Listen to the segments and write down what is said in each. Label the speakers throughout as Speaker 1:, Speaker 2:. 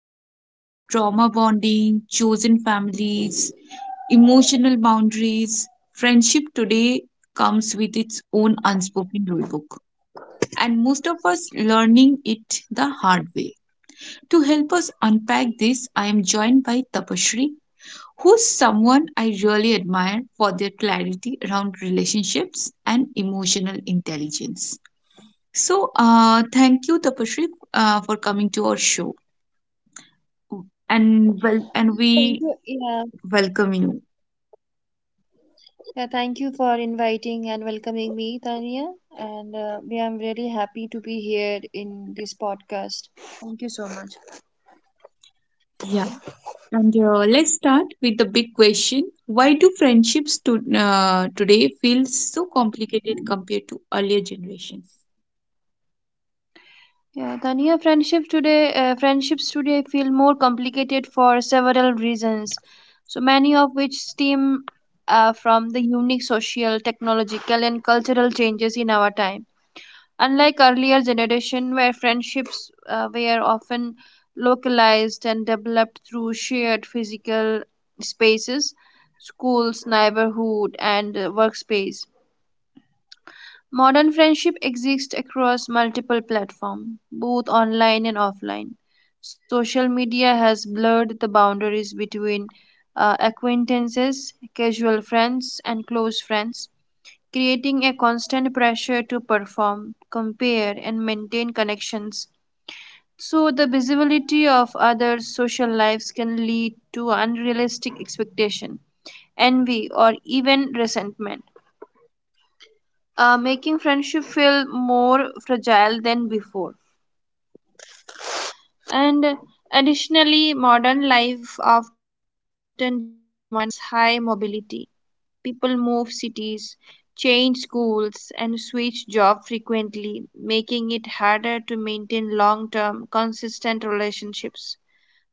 Speaker 1: replies, trauma bonding, chosen families, emotional boundaries. Friendship today comes with its own unspoken rulebook, and most of us learning it the hard way. To help us unpack this, I am joined by Tapashri, who's someone I really admire for their clarity around relationships and emotional intelligence. So, thank you, Tapashri, for coming to our show. and wel- and
Speaker 2: Thank
Speaker 1: we
Speaker 2: you. Yeah,
Speaker 1: welcome you.
Speaker 2: yeah. Thank you for inviting and welcoming me, Tania. And yeah, I'm really happy to be here in this podcast. Thank you so much.
Speaker 1: Yeah, and let's start with the big question: why do friendships today feel so complicated compared to earlier generations?
Speaker 2: Yeah, Tania. Friendships today feel more complicated for several reasons, so many of which stem from the unique social, technological, and cultural changes in our time. Unlike earlier generation where friendships were often localized and developed through shared physical spaces, schools, neighborhood, and workspace, modern friendship exists across multiple platforms, both online and offline. Social media has blurred the boundaries between acquaintances, casual friends, and close friends, creating a constant pressure to perform, compare, and maintain connections. So, the visibility of others' social lives can lead to unrealistic expectation, envy, or even resentment, making friendship feel more fragile than before. And additionally, modern life often demands high mobility. People move cities, change schools, and switch jobs frequently, making it harder to maintain long term, consistent relationships,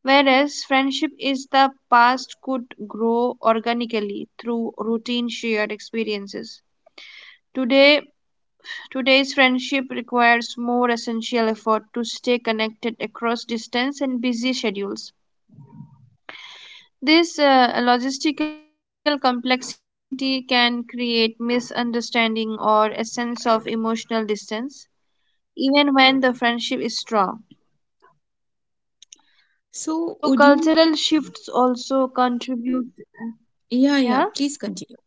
Speaker 2: whereas friendship is the past could grow organically through routine shared experiences. Today, today's friendship requires more essential effort to stay connected across distance and busy schedules. This logistical complexity can create misunderstanding or a sense of emotional distance, even when the friendship is strong. So, cultural
Speaker 1: So, would
Speaker 2: shifts
Speaker 1: you?
Speaker 2: also contribute. Yeah?
Speaker 1: Yeah, yeah. Please continue.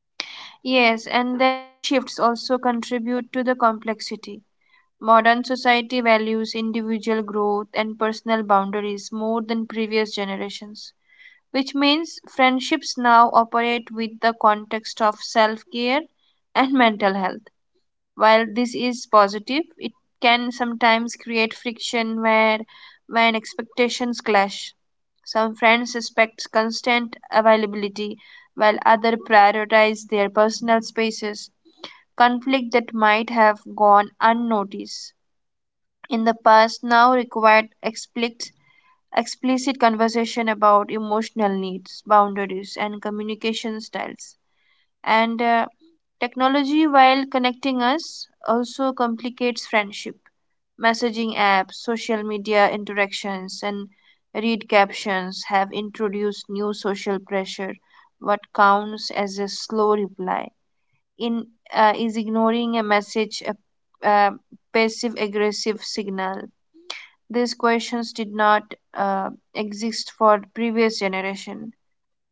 Speaker 2: Yes, and then cultural shifts also contribute to the complexity. Modern society values individual growth and personal boundaries more than previous generations, which means friendships now operate with the context of self care and mental health. While this is positive, it can sometimes create friction where when expectations clash. Some friends expect constant availability while others prioritize their personal spaces. Conflict that might have gone unnoticed in the past now required explicit conversation about emotional needs, boundaries, and communication styles. And technology, while connecting us, also complicates friendship. Messaging apps, social media interactions, and read captions have introduced new social pressure. What counts as a slow reply? In uh, is ignoring a message a passive aggressive signal? These questions did not exist for previous generation,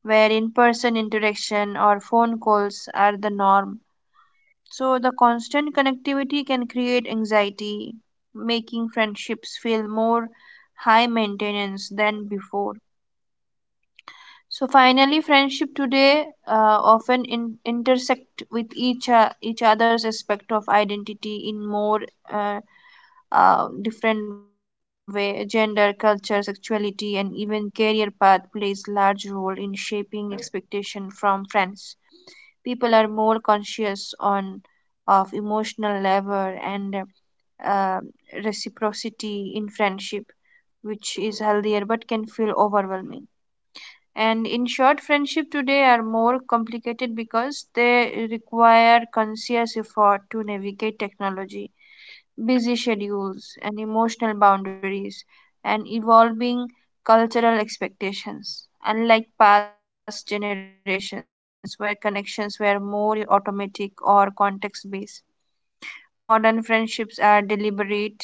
Speaker 2: where in-person interaction or phone calls are the norm. So the constant connectivity can create anxiety, making friendships feel more high maintenance than before. So finally, friendship today often intersect with each other's aspect of identity in more uh, different way. Gender, culture, sexuality, and even career path plays large role in shaping expectation from friends. People are more conscious on of emotional level and uh, reciprocity in friendship, which is healthier but can feel overwhelming. And in short, friendship today are more complicated because they require conscious effort to navigate technology, busy schedules, and emotional boundaries, and evolving cultural expectations. Unlike past generations where connections were more automatic or context based, modern friendships are deliberate,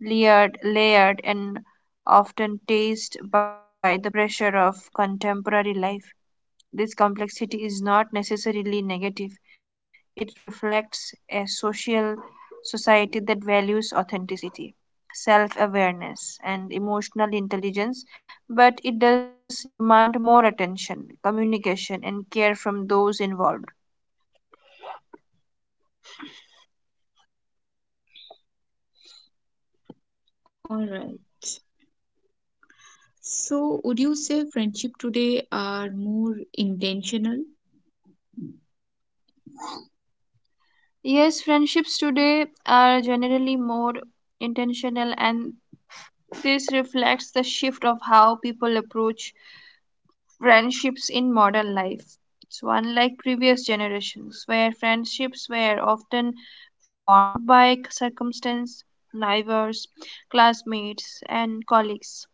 Speaker 2: layered and often tased by the pressure of contemporary life. This complexity is not necessarily negative. It reflects a social society that values authenticity, self awareness, and emotional intelligence, but it does demand more attention, communication, and care from those involved.
Speaker 1: All right. So, would you say friendship today are more intentional?
Speaker 2: Yes, friendships today are generally more intentional, and this reflects the shift of how people approach friendships in modern life. It's unlike previous generations, where friendships were often formed by circumstance, neighbors, classmates, and colleagues.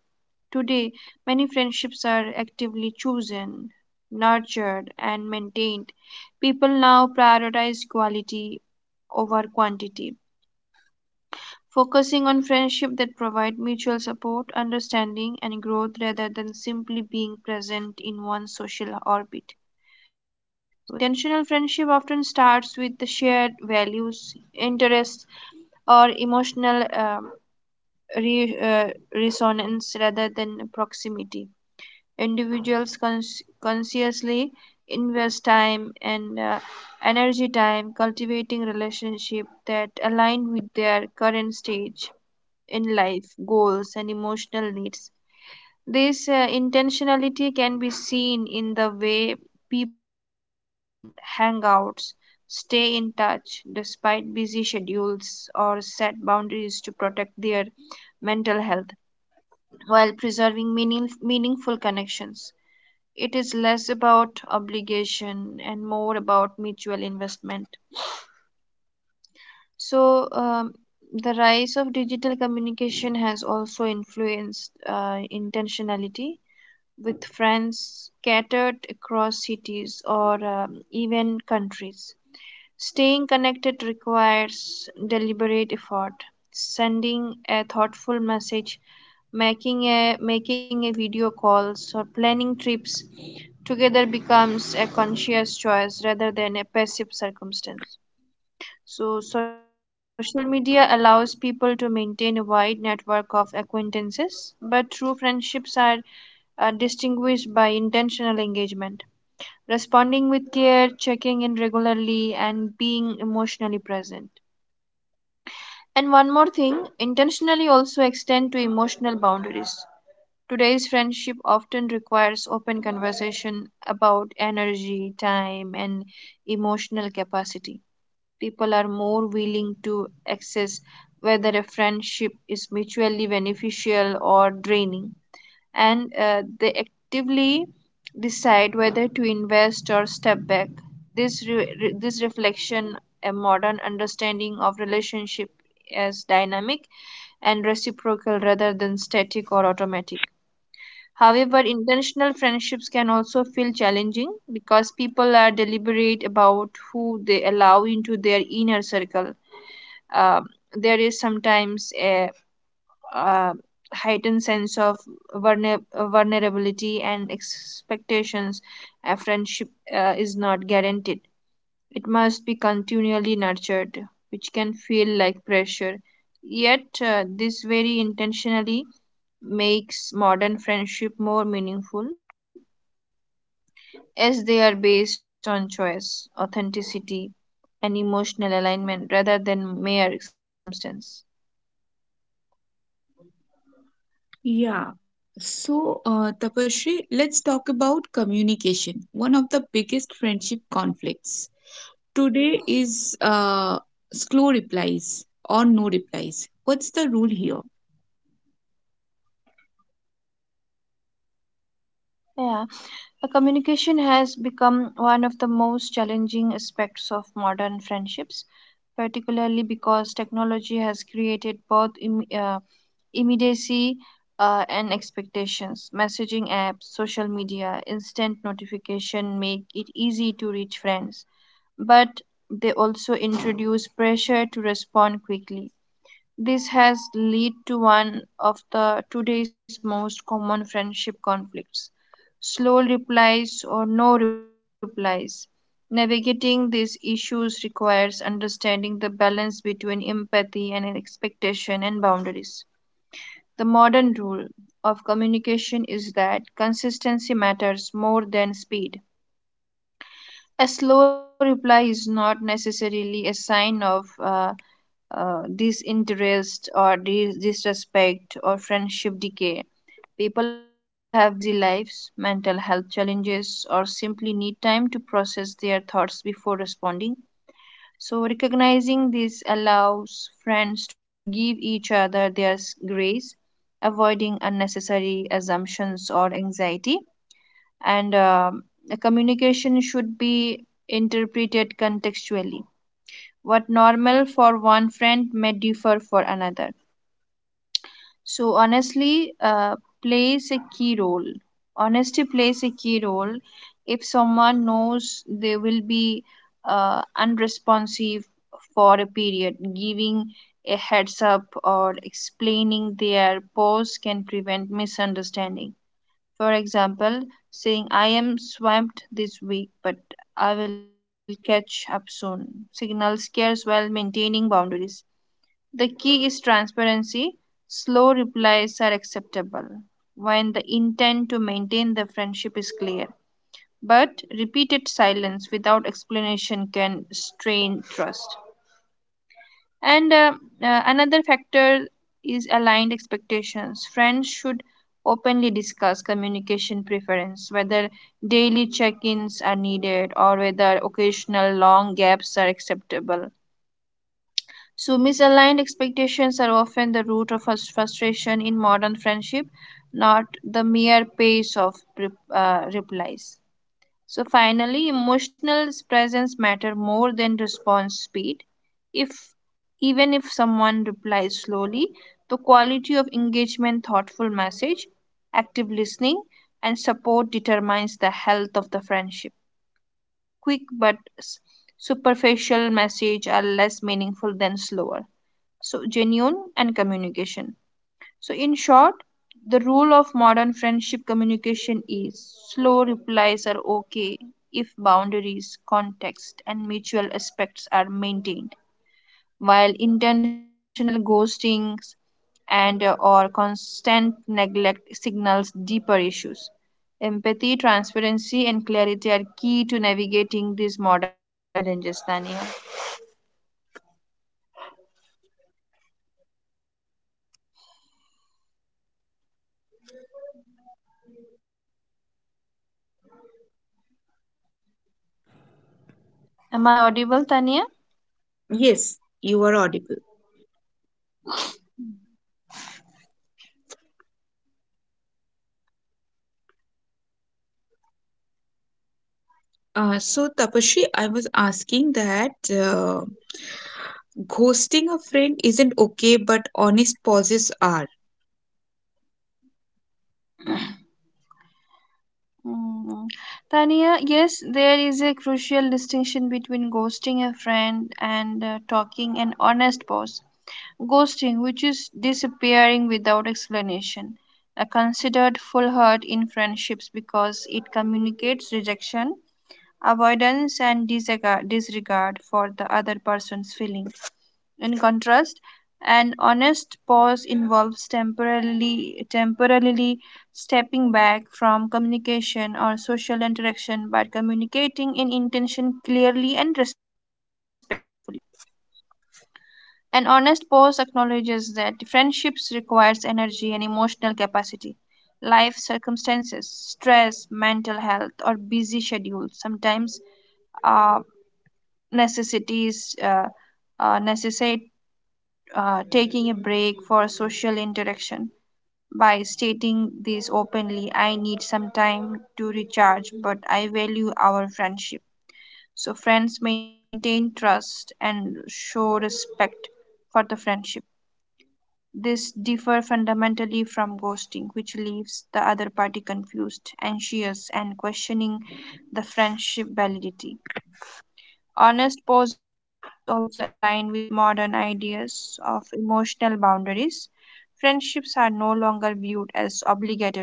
Speaker 2: Today, many friendships are actively chosen, nurtured, and maintained. People now prioritize quality over quantity, focusing on friendship that provide mutual support, understanding, and growth rather than simply being present in one's social orbit. So, intentional friendship often starts with the shared values, interests, or emotional re- uh, resonance rather than proximity. Individuals consciously invest time and energy time cultivating relationship that align with their current stage in life, goals, and emotional needs. This intentionality can be seen in the way people plan hangouts, stay in touch despite busy schedules, or set boundaries to protect their mental health while preserving meaningful connections. It is less about obligation and more about mutual investment. So, the rise of digital communication has also influenced intentionality, with friends scattered across cities or even countries. Staying connected requires deliberate effort. Sending a thoughtful message, making a video calls, or planning trips together becomes a conscious choice rather than a passive circumstance. So, social media allows people to maintain a wide network of acquaintances, but true friendships are distinguished by intentional engagement, responding with care, checking in regularly, and being emotionally present. And one more thing, intentionally also extend to emotional boundaries. Today's friendship often requires open conversation about energy, time, and emotional capacity. People are more willing to access whether a friendship is mutually beneficial or draining, and they actively decide whether to invest or step back. This reflection, a modern understanding of relationship as dynamic and reciprocal rather than static or automatic. However, intentional friendships can also feel challenging because people are deliberate about who they allow into their inner circle. There is sometimes a, uh heightened sense of vulnerability and expectations. A friendship is not guaranteed, it must be continually nurtured, which can feel like pressure. Yet, this very intentionally makes modern friendship more meaningful, as they are based on choice, authenticity, and emotional alignment rather than mere circumstance.
Speaker 1: Yeah. So, Tapasree, let's talk about communication. One of the biggest friendship conflicts today is slow replies or no replies. What's the rule here?
Speaker 2: Yeah, communication has become one of the most challenging aspects of modern friendships, particularly because technology has created both immediacy and expectations. Messaging apps, social media, instant notification make it easy to reach friends, but they also introduce pressure to respond quickly. This has led to one of the today's most common friendship conflicts: slow replies or no replies. Navigating these issues requires understanding the balance between empathy and expectation and boundaries. The modern rule of communication is that consistency matters more than speed. A slow reply is not necessarily a sign of disinterest or disrespect or friendship decay. People have busy lives, mental health challenges, or simply need time to process their thoughts before responding. So, recognizing this allows friends to give each other their grace, avoiding unnecessary assumptions or anxiety. And the communication should be interpreted contextually. What normal for one friend may differ for another. So honestly, plays a key role. Honesty plays a key role. If someone knows they will be unresponsive for a period, giving a heads up or explaining their pause can prevent misunderstanding. For example, saying, "I am swamped this week, but I will catch up soon," signals cares while maintaining boundaries. The key is transparency. Slow replies are acceptable when the intent to maintain the friendship is clear, but repeated silence without explanation can strain trust. And another factor is aligned expectations. Friends should openly discuss communication preference, whether daily check ins are needed or whether occasional long gaps are acceptable. So, misaligned expectations are often the root of frustration in modern friendship, not the mere pace of replies. So, finally, emotional presence matter more than response speed. If even if someone replies slowly, the quality of engagement, thoughtful message, active listening, and support determines the health of the friendship. Quick but superficial message are less meaningful than slower, so genuine and communication. So in short, the rule of modern friendship communication is, slow replies are okay if boundaries, context, and mutual aspects are maintained, while intentional ghostings and or constant neglect signals deeper issues. Empathy, transparency, and clarity are key to navigating these modern challenges, Tania. Am I audible, Tania?
Speaker 1: Yes, you are audible. So, Tapasree, I was asking that ghosting a friend isn't okay, but honest pauses are.
Speaker 2: Mm. Tania, yes, there is a crucial distinction between ghosting a friend and talking an honest pause. Ghosting, which is disappearing without explanation, are considered full hurt in friendships because it communicates rejection, avoidance, and disregard for the other person's feelings. In contrast, an honest pause involves temporarily stepping back from communication or social interaction by communicating in intention clearly and respectfully. An honest pause acknowledges that friendships requires energy and emotional capacity. Life circumstances, stress, mental health, or busy schedules sometimes uh, necessities necessitate taking a break for social interaction. By stating this openly, "I need some time to recharge, but I value our friendship," so friends maintain trust and show respect for the friendship. This differs fundamentally from ghosting, which leaves the other party confused, anxious, and questioning the friendship validity. Honest poses also align with modern ideas of emotional boundaries. Friendships are no longer viewed as obligatory,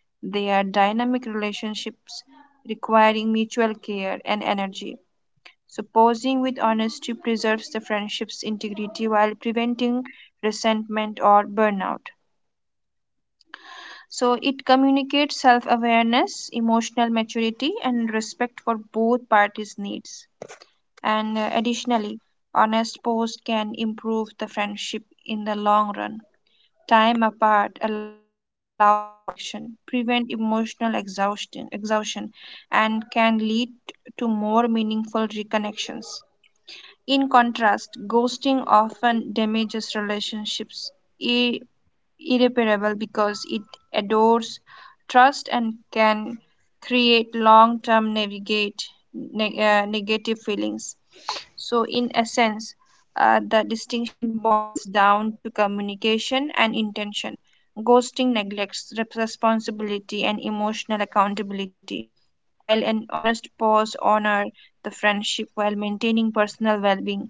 Speaker 2: they are dynamic relationships requiring mutual care and energy. So, posing with honesty preserves the friendship's integrity while preventing resentment or burnout. So, it communicates self awareness, emotional maturity, and respect for both parties' needs. And additionally, honest post can improve the friendship in the long run. Time apart allows reflection, prevent exhaustion, and can lead to more meaningful reconnections. In contrast, ghosting often damages relationships ir- irreparable because it adores trust and can create long-term navigate negative feelings. So, in essence, the distinction boils down to communication and intention. Ghosting neglects responsibility and emotional accountability, while an honest pause honors the friendship while maintaining personal well being.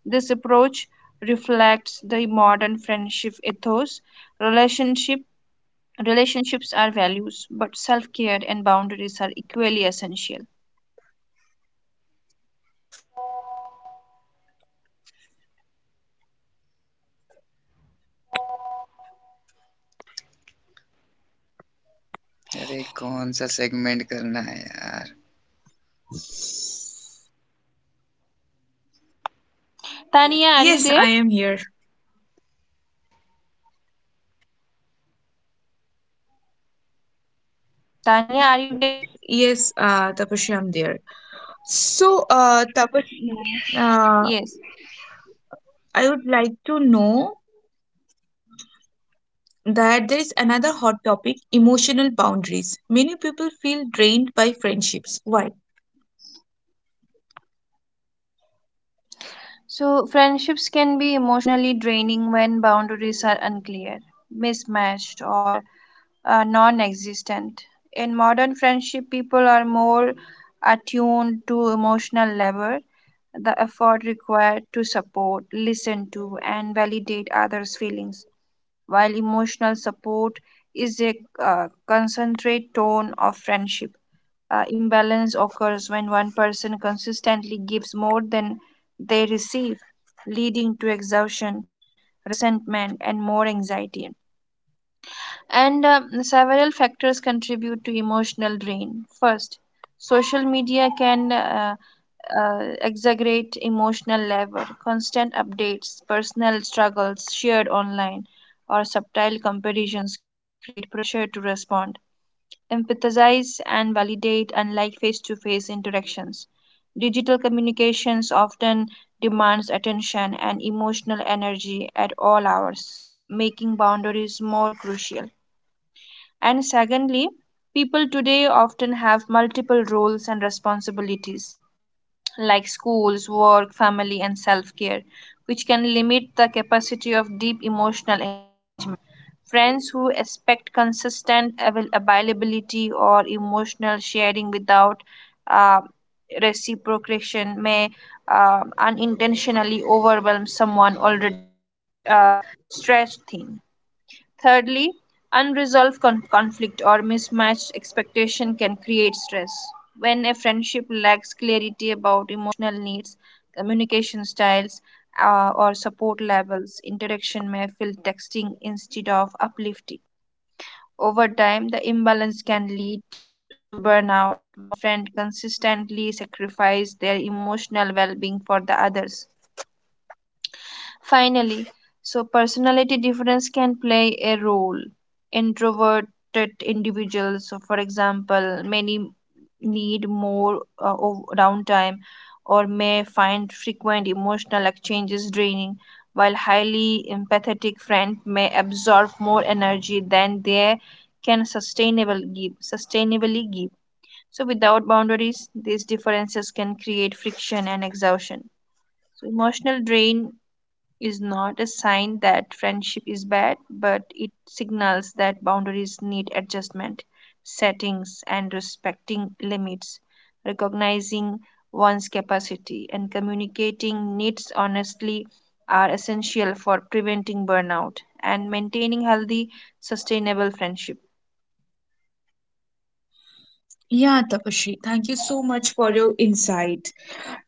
Speaker 2: This approach reflects the modern friendship ethos. Relationship, Relationships are values, but self care and boundaries are equally essential.
Speaker 3: अरे कौन सा segment करना है यार
Speaker 2: Tania, are you
Speaker 1: Yes,
Speaker 2: there?
Speaker 1: I am here.
Speaker 2: Tania, are you there?
Speaker 1: Yes, Tapasree, I'm there. So, Tapan,
Speaker 2: Yeah. Yes.
Speaker 1: uh, I would like to know that there is another hot topic: emotional boundaries. Many people feel drained by friendships. Why?
Speaker 2: So friendships can be emotionally draining when boundaries are unclear, mismatched, or non existent. In modern friendship, people are more attuned to emotional labor, the effort required to support, listen to, and validate others' feelings, while emotional support is a concentrate tone of friendship. Imbalance occurs when one person consistently gives more than they receive, leading to exhaustion, resentment, and more anxiety. And Several factors contribute to emotional drain. First, social media can exaggerate emotional labor. Constant updates, personal struggles shared online, or subtle comparisons create pressure to respond, empathize, and validate, unlike face to face interactions. Digital communications often demands attention and emotional energy at all hours, making boundaries more crucial. And secondly, people today often have multiple roles and responsibilities like schools, work, family, and self care, which can limit the capacity of deep emotional engagement. Friends who expect consistent availability or emotional sharing without uh, reciprocation may unintentionally overwhelm someone already at, stretched thin. Thirdly, unresolved conflict or mismatched expectation can create stress. When a friendship lacks clarity about emotional needs, communication styles, or support levels, interaction may feel texting instead of uplifting. Over time, the imbalance can lead to burnout, where one friend consistently sacrifices their emotional well being for the others. Finally, so personality difference can play a role. Introverted individuals, so for example, many need more of downtime or may find frequent emotional exchanges draining, while highly empathetic friends may absorb more energy than they sustainably give. So without boundaries, these differences can create friction and exhaustion. So emotional drain is not a sign that friendship is bad, but it signals that boundaries need adjustment, settings, and respecting limits. Recognizing one's capacity and communicating needs honestly are essential for preventing burnout and maintaining healthy, sustainable friendship.
Speaker 1: Yeah, Tapashri, thank you so much for your insight.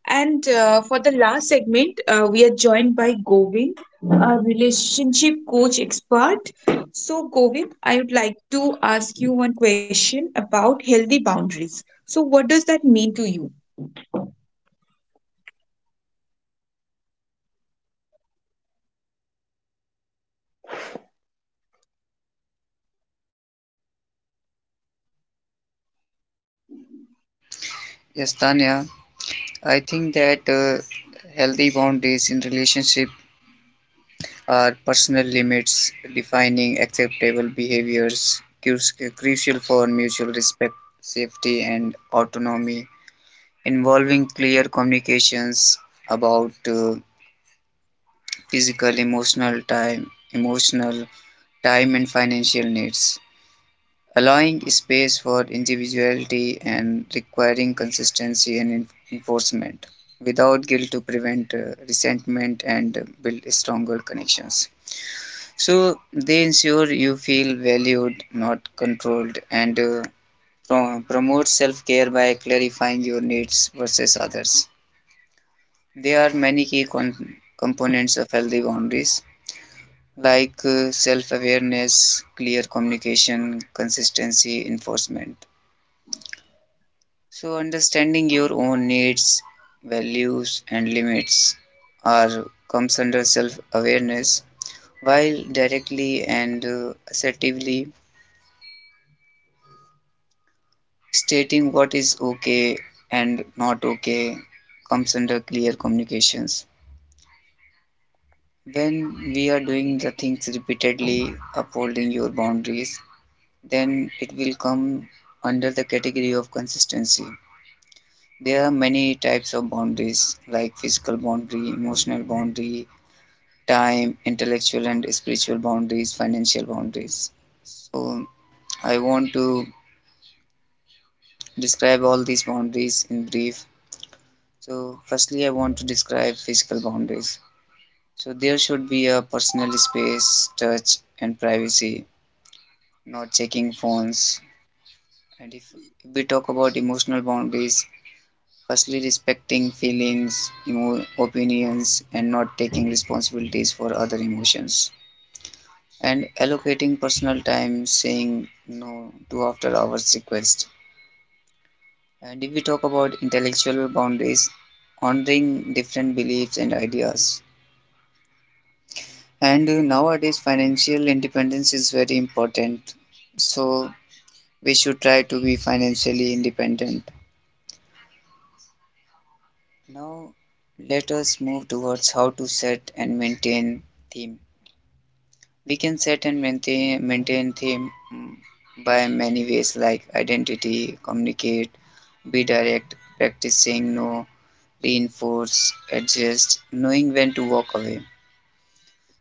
Speaker 1: And for the last segment, we are joined by Govind, a relationship coach expert. So, Govind, I would like to ask you one question about healthy boundaries. So, what does that mean to you?
Speaker 3: Yes Tanya I think that healthy boundaries in relationship are personal limits defining acceptable behaviours crucial for mutual respect, safety, and autonomy, involving clear communications about physical, emotional time, emotional time, and financial needs, allowing space for individuality and requiring consistency and enforcement without guilt to prevent resentment and build stronger connections. So they ensure you feel valued, not controlled, and promote self care by clarifying your needs versus others. There are many key components of healthy boundaries like self awareness, clear communication, consistency, enforcement. So, understanding your own needs, values, and limits are comes under self-awareness, while directly and assertively stating what is okay and not okay comes under clear communications. When we are doing the things repeatedly, upholding your boundaries, then it will come under the category of consistency. There are many types of boundaries like physical boundary, emotional boundary, time, intellectual and spiritual boundaries, financial boundaries. So, I want to describe all these boundaries in brief. So, firstly, I want to describe physical boundaries. So, there should be a personal space, touch, and privacy, not checking phones. And if we talk about emotional boundaries, firstly, respecting feelings, opinions, and not taking responsibilities for other emotions, and allocating personal time, saying no to after hours requests. And if we talk about intellectual boundaries, honoring different beliefs and ideas. And nowadays, financial independence is very important. So, we should try to be financially independent. Now, let us move towards how to set and maintain themes. We can set and maintain, by many ways like identity, communicate, be direct, practicing saying no, reinforce, adjust, knowing when to walk away.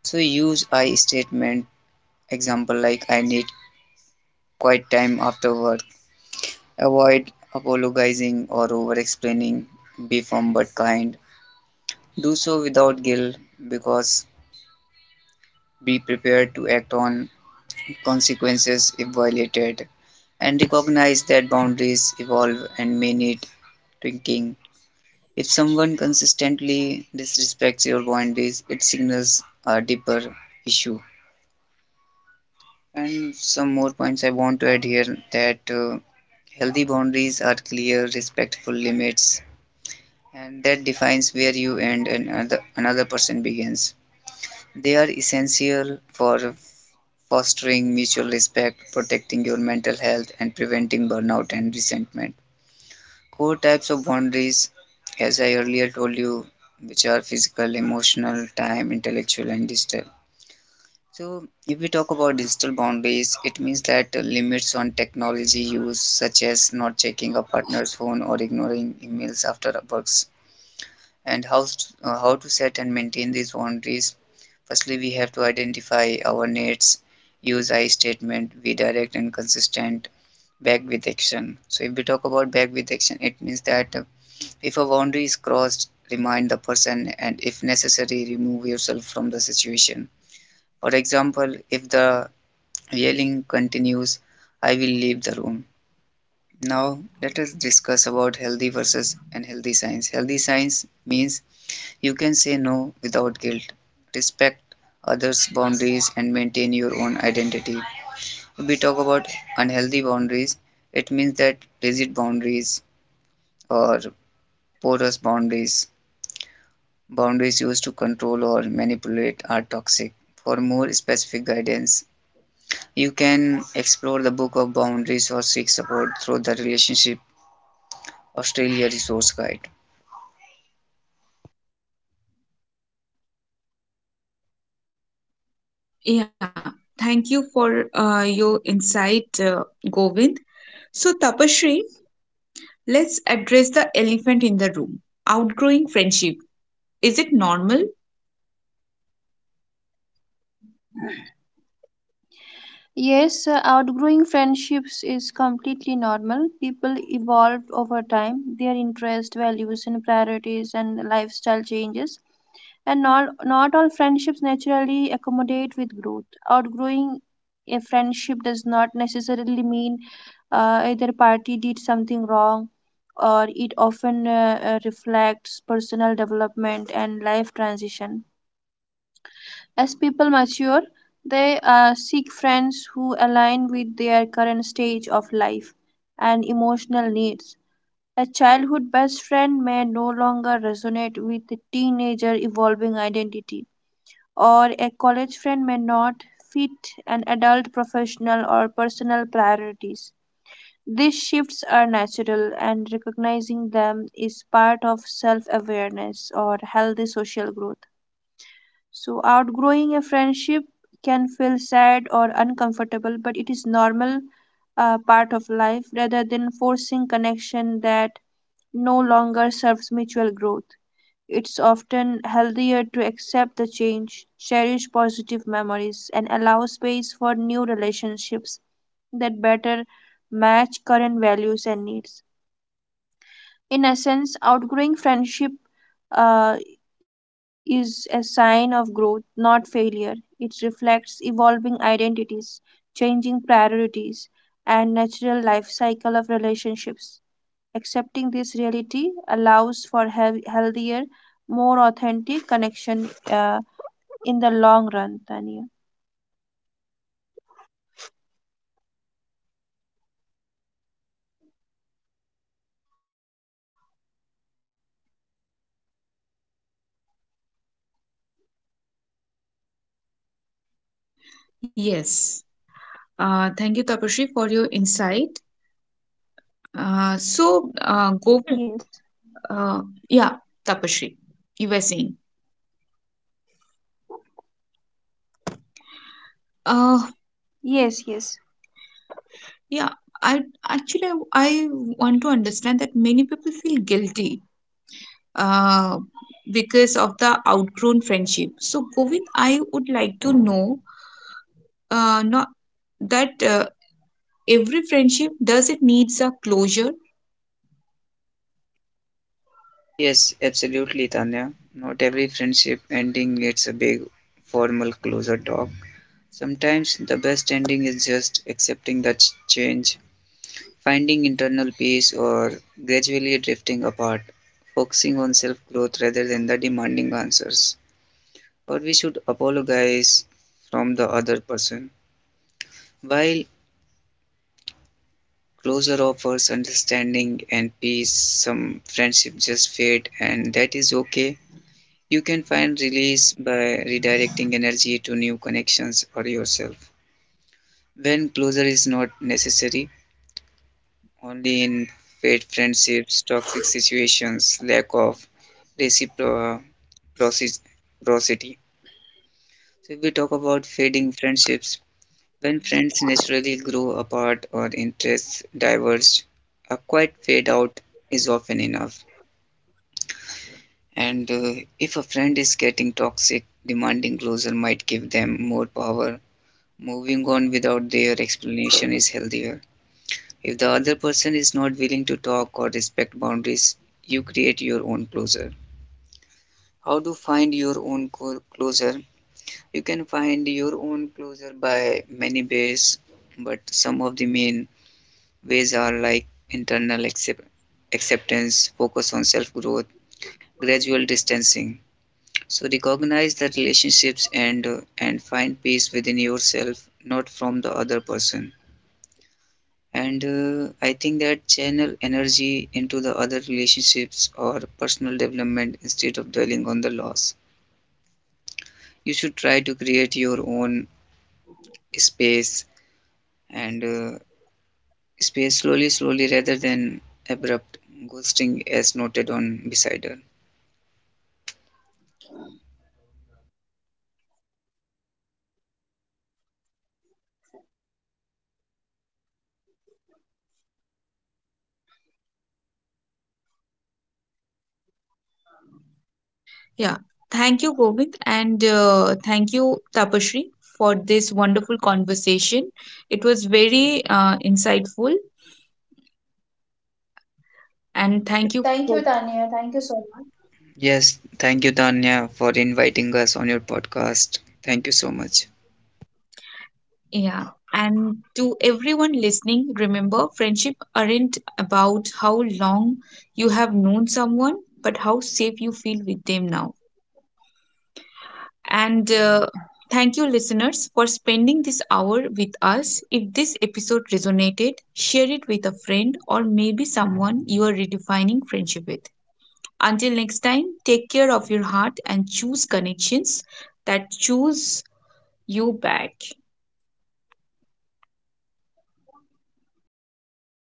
Speaker 3: So use I statement, example like I need quiet time after work. Avoid apologizing or over explaining. Be firm but kind. Do so without guilt because be prepared to act on consequences if violated, and recognize that boundaries evolve and may need tweaking. If someone consistently disrespects your boundaries, it signals a deeper issue. And some more points I want to add here that healthy boundaries are clear, respectful limits, and that defines where you end and another person begins. They are essential for fostering mutual respect, protecting your mental health, and preventing burnout and resentment. Core types of boundaries, as I earlier told you, which are physical, emotional, time, intellectual, and digital. So, if we talk about digital boundaries, it means that limits on technology use, such as not checking a partner's phone or ignoring emails after work. And how to set and maintain these boundaries, firstly we have to identify our needs, use I statement, be direct and consistent, back with action. So if we talk about back with action, it means that if a boundary is crossed, remind the person and if necessary remove yourself from the situation. For example, if the yelling continues, I will leave the room. Now let us discuss about healthy versus unhealthy signs. Healthy signs means you can say no without guilt, respect others' boundaries, and maintain your own identity. If we talk about unhealthy boundaries, it means that rigid boundaries or porous boundaries, boundaries used to control or manipulate, are toxic. For more specific guidance, you can explore the book of boundaries or seek support through the Relationship Australia Resource Guide.
Speaker 1: Yeah, thank you for your insight, Govind. So, Tapashri, let's address the elephant in the room: outgrowing friendship. Is it normal?
Speaker 2: Yes, outgrowing friendships is completely normal. People evolve over time, their interests, values, and priorities and lifestyle changes. And not all friendships naturally accommodate with growth. Outgrowing a friendship does not necessarily mean either party did something wrong, or it often reflects personal development and life transition. As people mature, they seek friends who align with their current stage of life and emotional needs. A childhood best friend may no longer resonate with a teenager evolving identity, or a college friend may not fit an adult professional or personal priorities. These shifts are natural, and recognizing them is part of self awareness or healthy social growth. So, outgrowing a friendship can feel sad or uncomfortable, but it is normal part of life rather than forcing connection that no longer serves mutual growth. It's often healthier to accept the change, cherish positive memories, and allow space for new relationships that better match current values and needs. In essence, outgrowing friendship uh, is a sign of growth, not failure. It reflects evolving identities, changing priorities, and natural life cycle of relationships. Accepting this reality allows for healthier, more authentic connection in the long run, Tanya.
Speaker 1: Yes. Thank you, Tapashri, for your insight. So,
Speaker 2: Yes,
Speaker 1: go. Uh, yeah, Tapashri, you were saying. Uh,
Speaker 2: yes.
Speaker 1: yeah, I actually I want to understand that many people feel guilty uh, because of the outgrown friendship. So, Govind, I would like to know, not that every friendship, does it needs a closure?
Speaker 3: Yes, absolutely, Tanya. Not every friendship ending needs a big formal closure talk. Sometimes the best ending is just accepting the change, finding internal peace, or gradually drifting apart, focusing on self growth rather than the demanding answers. Or we should apologize from the other person. While closure offers understanding and peace, some friendship just fade, and that is okay. You can find release by redirecting energy to new connections or yourself. When closure is not necessary, only in failed friendships, toxic situations, lack of reciprocity. So, if we talk about fading friendships, when friends naturally grow apart or interests diverge, a quiet fade out is often enough. And if a friend is getting toxic, demanding closure might give them more power. Moving on without their explanation is healthier. If the other person is not willing to talk or respect boundaries, you create your own closure. How to find your own closure? You can find your own closure by many ways, but some of the main ways are like internal acceptance, focus on self growth, gradual distancing. So recognize the relationships and find peace within yourself, not from the other person. And I think that channel energy into the other relationships or personal development instead of dwelling on the loss. You should try to create your own space, and space slowly slowly rather than abrupt ghosting as noted on Besider.
Speaker 1: Yeah. Thank you, Govind, and thank you, Tapashri, for this wonderful conversation. It was very insightful, and thank you
Speaker 2: Thank
Speaker 1: for—
Speaker 2: you, Tanya. Thank you so much.
Speaker 3: Yes, thank you Tanya for inviting us on your podcast. Thank you so much.
Speaker 1: yeah. And to everyone listening, remember, friendship aren't about how long you have known someone, but how safe you feel with them now. And thank you, listeners, for spending this hour with us. If this episode resonated, share it with a friend, or maybe someone you are redefining friendship with. Until next time, take care of your heart and choose connections that choose you back.